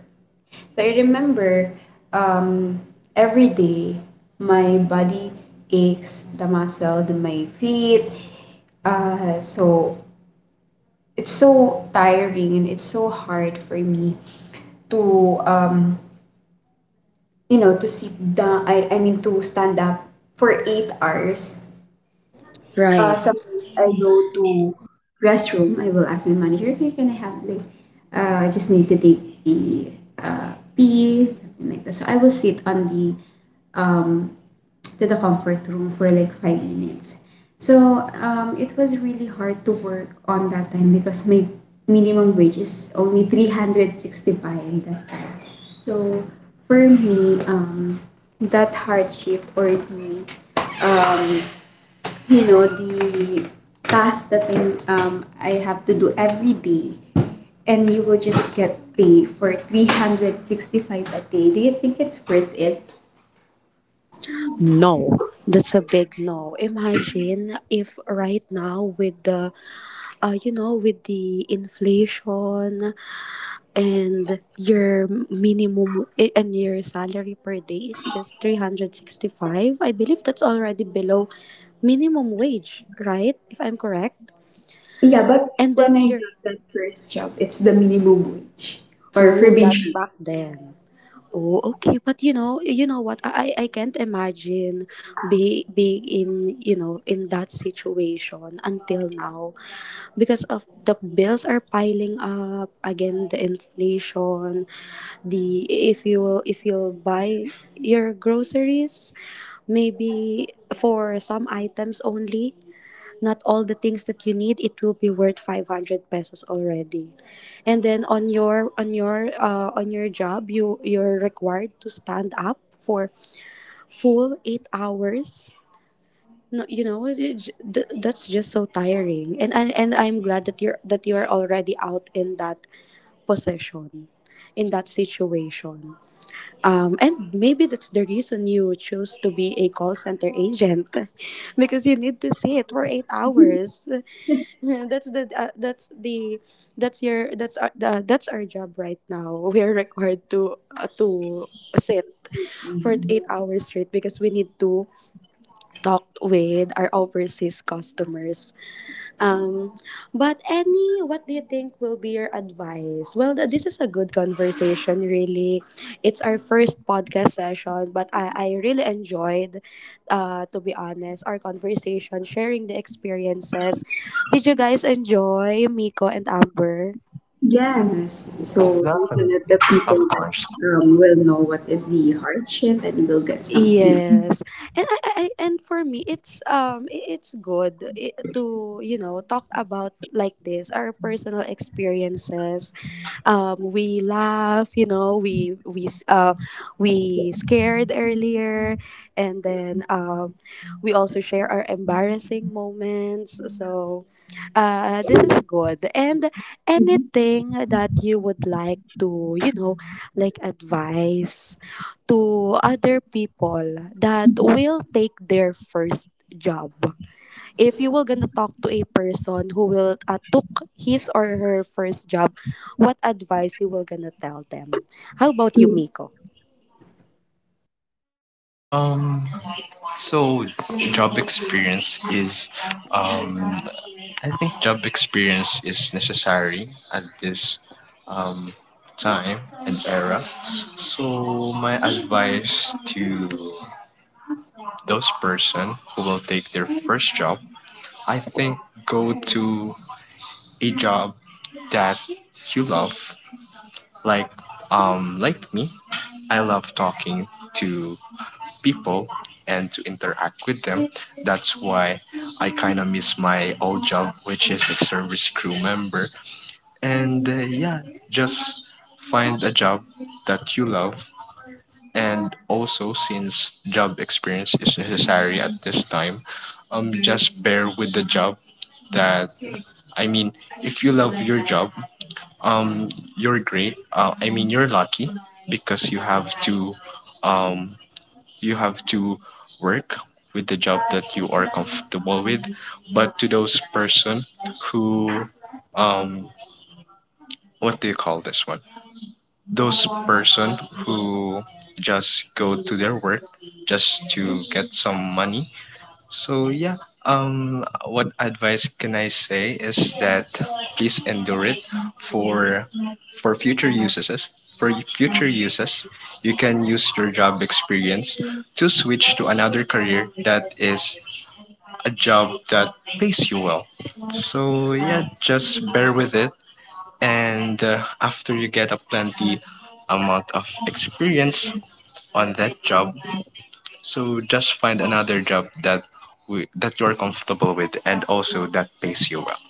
S2: So I remember um, every day my body aches, the muscle, the my feet. So it's so tiring and it's so hard for me to to sit down, I mean, to stand up for 8 hours.
S1: Right.
S2: Sometimes I go to restroom. I will ask my manager, hey, can I have, like, I just need to take the pee, something like that. So I will sit on um, the comfort room for like 5 minutes. So it was really hard to work on that time because my minimum wage is only 365 that time. So for me, that hardship or the um, the task that I have to do every day, and you will just get pay for 365 a day. Do you think it's worth it?
S1: No, that's a big no. Imagine if right now, with the you know, with the inflation, and your minimum and your salary per day is just 365. I believe that's already below minimum wage, right, if I'm correct?
S2: Yeah, but
S1: And
S2: when
S1: then
S2: I
S1: you're,
S2: got that first job, it's the minimum wage for
S1: oh, that
S2: probation.
S1: back then. Oh, okay. But you know, you know what, I can't imagine be being in, you know, in that situation until now, because of the bills are piling up again, the inflation, the, if you will, if you'll buy your groceries, maybe for some items only, not all the things that you need, it will be worth 500 pesos already. And then on your, on your on your job, you're required to stand up for full 8 hours. No, you know, that's just so tiring. And and I'm glad that you're already out in that position, in that situation. Um, and maybe that's the reason you choose to be a call center agent, because you need to sit for 8 hours. That's the that's the that's your that's our, the, That's our job right now. We are required to sit for 8 hours straight because we need to talk with our overseas customers. Um, but Annie, what do you think will be your advice? Well, this is a good conversation, really. It's our first podcast session, but I really enjoyed, to be honest, our conversation, sharing the experiences. Did you guys enjoy Miko and Amber?
S2: Yes. So
S3: Yeah,
S2: there's a lot of people
S3: of
S2: that
S3: course.
S2: will know what is the hardship and will get some, you know.
S1: Yes, and and for me, it's to, you know, talk about like this our personal experiences. We laugh, you know, we scared earlier, and then we also share our embarrassing moments. So this is good, and
S2: Mhm.
S1: anything that you would like to, you know, like advice to other people that will take their first job. If you were gonna talk to a person who will took his or her first job, what advice you were gonna tell them? How about you, Miko?
S3: Um, so job experience is, um, I think job experience is necessary at this, um, time and era. So my advice to those person who will take their first job, I think go to a job that you love. Like like me, I love talking to people and to interact with them. That's why I kind of miss my old job, which is a service crew member. And yeah, just find a job that you love, and also, since job experience is necessary at this time, just bear with the job that, I mean, if you love your job, um you're great I mean you're lucky because um you have to work with the job that you are comfortable with. But to those person who, um what do you call this one, those person who just go to their work just to get some money. So yeah, what advice can I say is that please endure it for for future uses. For future uses, you can use your job experience to switch to another career that is a job that pays you well. So yeah, just bear with it, and after you get a plenty amount of experience on that job. So just find another job that that you're comfortable with and also that pays you well.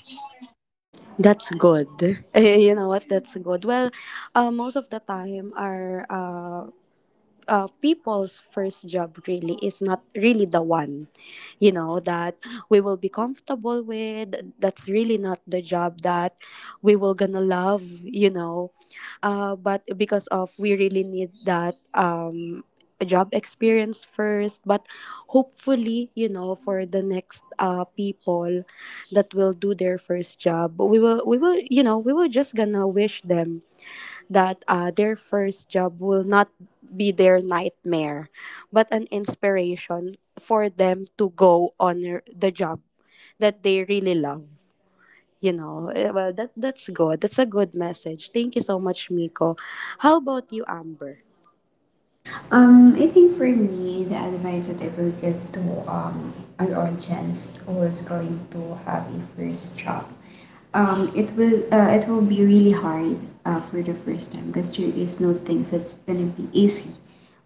S1: That's good. You know what? That's good. Well, most of the time, our people's first job really is not really the one, you know, that we will be comfortable with. That's really not the job that we will gonna love, you know. But because of we really need that job experience first. But hopefully, you know, for the next people that will do their first job, we will, you know, we will just gonna wish them that their first job will not be their nightmare, but an inspiration for them to go on the job that they really love. You know, eh, well, that's good. That's a good message. Thank you so much, Miko. How about you, Amber?
S2: To um, an audience who is going to have a first job. It will be really hard for the first time because there is no things that's gonna be easy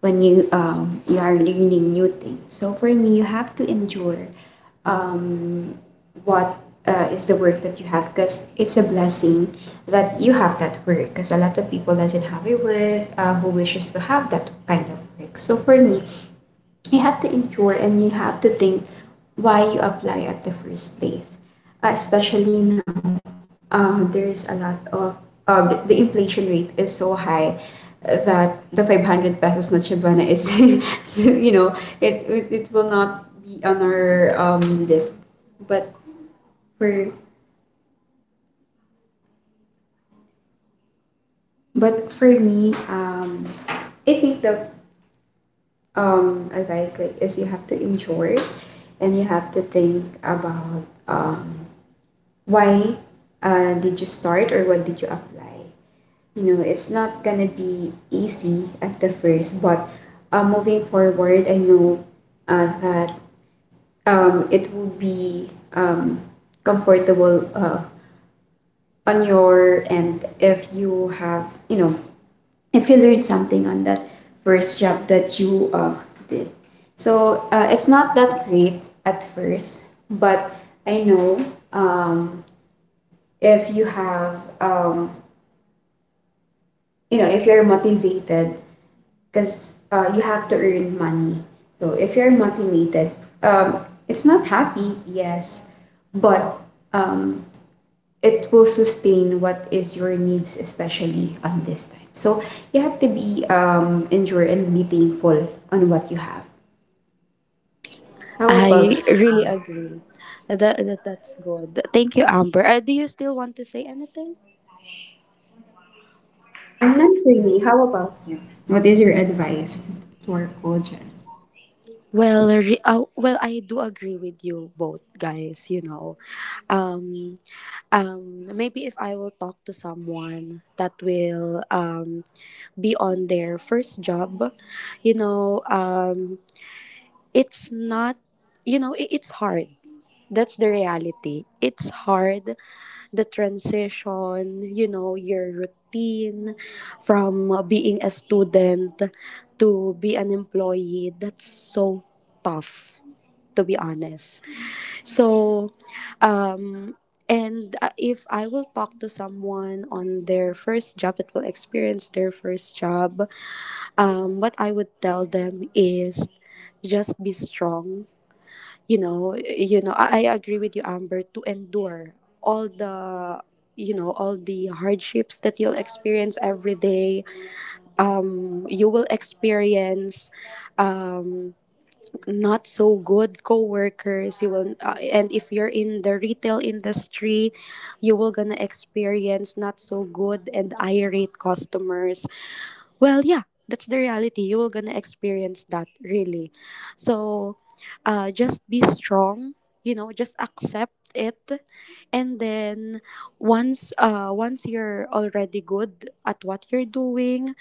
S2: when you you are learning new things. So for me, you have to endure um, what is the work that you have because it's a blessing that you have that work because a lot of people doesn't have a work who wishes to have that kind of work. So for me, you have to endure and you have to think why you apply at the first place, especially now. There is a lot of, uh, the inflation rate is so high that the 500 pesos na Chibana is you know it will not be on our list. But for But for me, I think the advice like is you have to enjoy it and you have to think about why did you start or what did you apply. You know, it's not gonna be easy at the first, but moving forward, I know that it will be comfortable on your end if you have, you know, if you learned something on that first job that you did. So it's not that great at first, but I know um, if you have, you know, if you're motivated, because you have to earn money. So if you're motivated, um, it's yes, but um, it will sustain what is your needs, especially on this time. So you have to be endure and be thankful on what you have. How about
S1: I
S2: you?
S1: really agree. That's good. Thank you, Amber. Do you still want to say anything?
S2: Not really. How about you? What is your advice to our audience?
S1: Well, well, I do agree with you both, guys. You know, um, maybe if I will talk to someone that will be on their first job, you know, it's not, you know, it's hard. That's the reality. It's hard, the transition, you know, your routine from being a student to be an employee. That's so tough, to be honest. So, um, and if I will talk to someone on their first job that will experience their first job, what I would tell them is just be strong. You know, I agree with you, Amber, to endure all the, you know, all the hardships that you'll experience every day. You will experience um not so good coworkers. You will and if you're in the retail industry, you will gonna experience not so good and irate customers. Well, yeah, that's the reality, you will gonna experience that really. So just be strong, you know, just accept it. And then, once you're already good at what you're doing,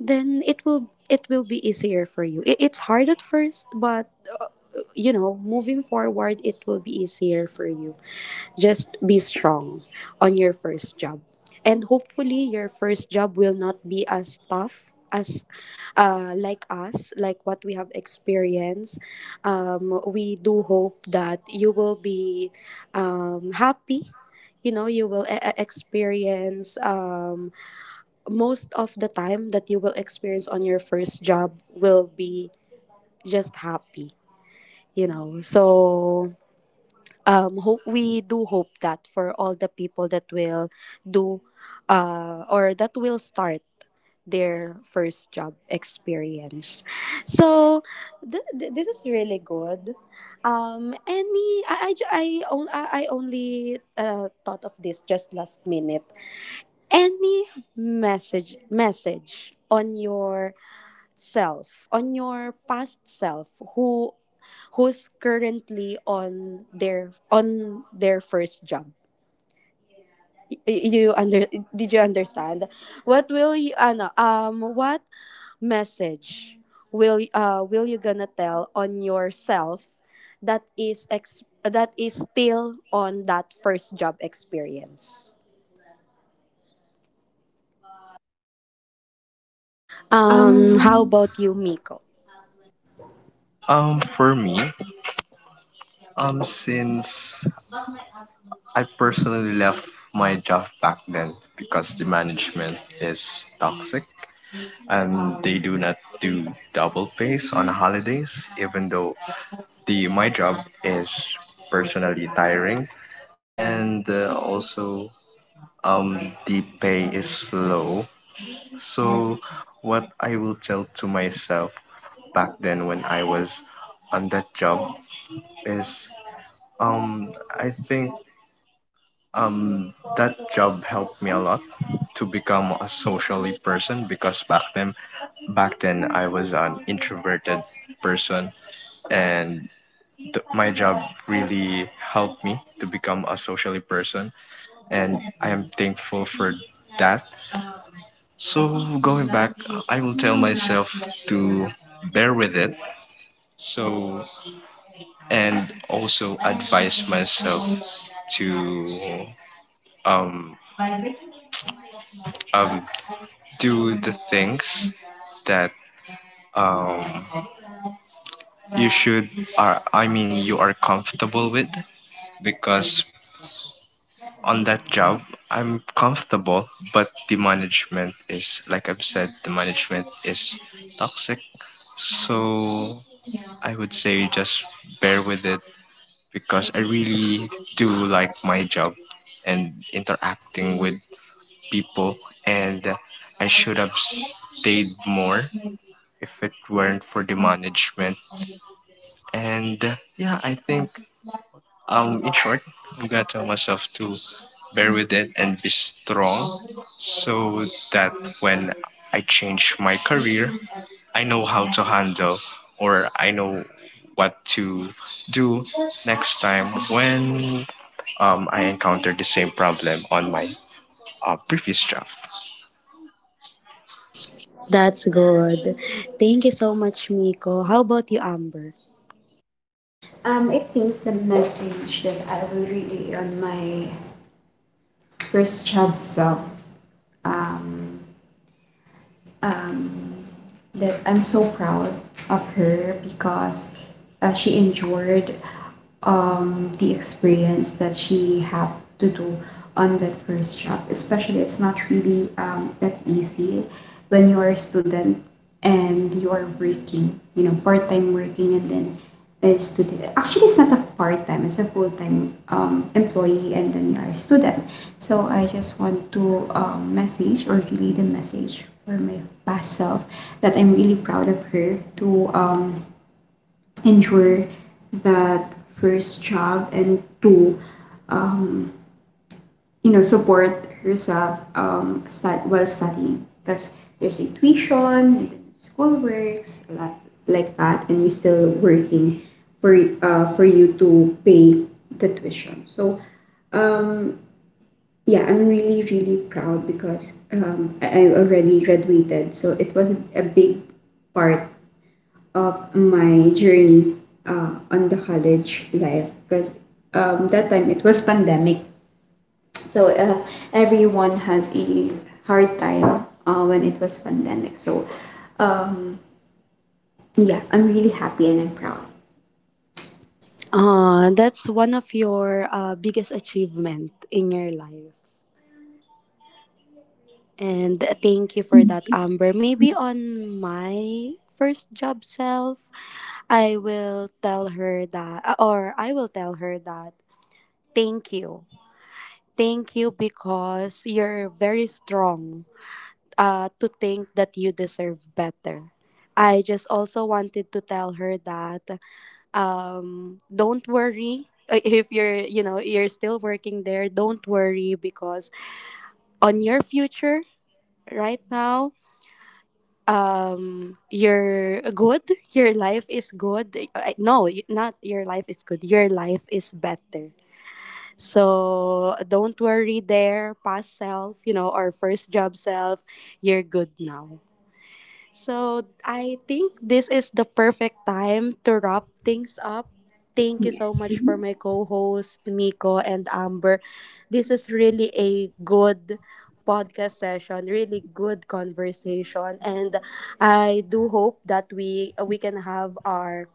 S1: then it will be easier for you. It's hard at first, but you know, moving forward, it will be easier for you. Just be strong on your first job. And hopefully, your first job will not be as tough as like us, like what we have experienced. We do hope that you will be happy. You know, you will experience most of the time that you will experience on your first job will be just happy, you know. So hope we do hope that for all the people that will do or that will start their first job experience. So, this is really good. Um any I ju- I, on- I I only thought of this just last minute. Any message on your self, on your past self, who's currently on their first job. Y- You under Did you understand? What will you ano, what message will you gonna tell on yourself that that is still on that first job experience? Um, how
S2: Um,
S1: about you, Miko?
S3: For me, since I personally left my job back then because the management is toxic, and they do not do double pays on holidays even though the my job is personally tiring, and also the pay is low. So what I will tell to myself back then when I was on that job is, um I think, that job helped me a lot to become a socially person, because back then I was an introverted person, and my job really helped me to become a socially person, and I am thankful for that. So going back, I will tell myself to bear with it. So, and also advise myself to um, um, do the things that um, you should are I mean you are comfortable with. Because on that job, I'm comfortable, but the management is, like I've said, the management is toxic. So I would say just bear with it, because I really do like my job and interacting with people, and I should have stayed more if it weren't for the management. And yeah, I think, in short, I'm gonna tell myself to bear with it and be strong, so that when I change my career, I know how to handle, or I know what to do next time when I encounter the same problem on my previous job.
S1: That's good. Thank you so much, Miko. How about you, Amber?
S2: I think the message that I will relay on my first job self, um, um, that I'm so proud of her because she endured the experience that she had to do on that first job. Especially, it's not really that easy when you're a student and you're working, you know, part-time working and then a student. Actually, it's not a part-time, it's a full-time employee and then you are a student. So I just want to message or relay the message for my past self that I'm really proud of her to endure that first job and to um, you know support herself while studying because there's a tuition and then school works a lot like that and you're still working for for you to pay the tuition. So um yeah, I'm really really proud because I already graduated, so it was a big part of my journey on the college life because that time it was pandemic. so uh, Everyone has a hard time when it was pandemic. So um, yeah, I'm really happy and I'm proud.
S1: That's one of your biggest achievement in your life. And thank you for that, Amber. Maybe on my first job self, I will tell her that, or I will tell her that, thank you. Thank you because you're very strong to think that you deserve better. I just also wanted to tell her that don't worry. If you're, you know, you're still working there, don't worry, because on your future right now, you're good, your life is good. No, not your life is good, your life is better. So don't worry there, past self, you know, or first job self, you're good now. So I think this is the perfect time to wrap things up. Thank you so
S2: Yes.
S1: much for
S2: Mhm.
S1: my co-hosts Miko and Amber. This is really a good podcast session, really good conversation, and I do hope that we can have our,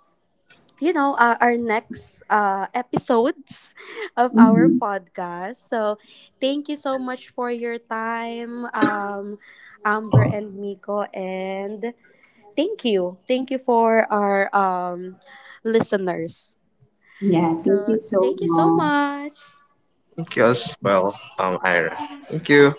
S1: you know, our next episodes of our podcast. So thank you so much for your time, Amber and Miko, and thank you. Thank you for our listeners.
S2: Yeah. Thank
S1: So,
S2: you so
S1: thank you so
S2: much.
S1: much.
S3: Thank you as well, Ira. Thank you.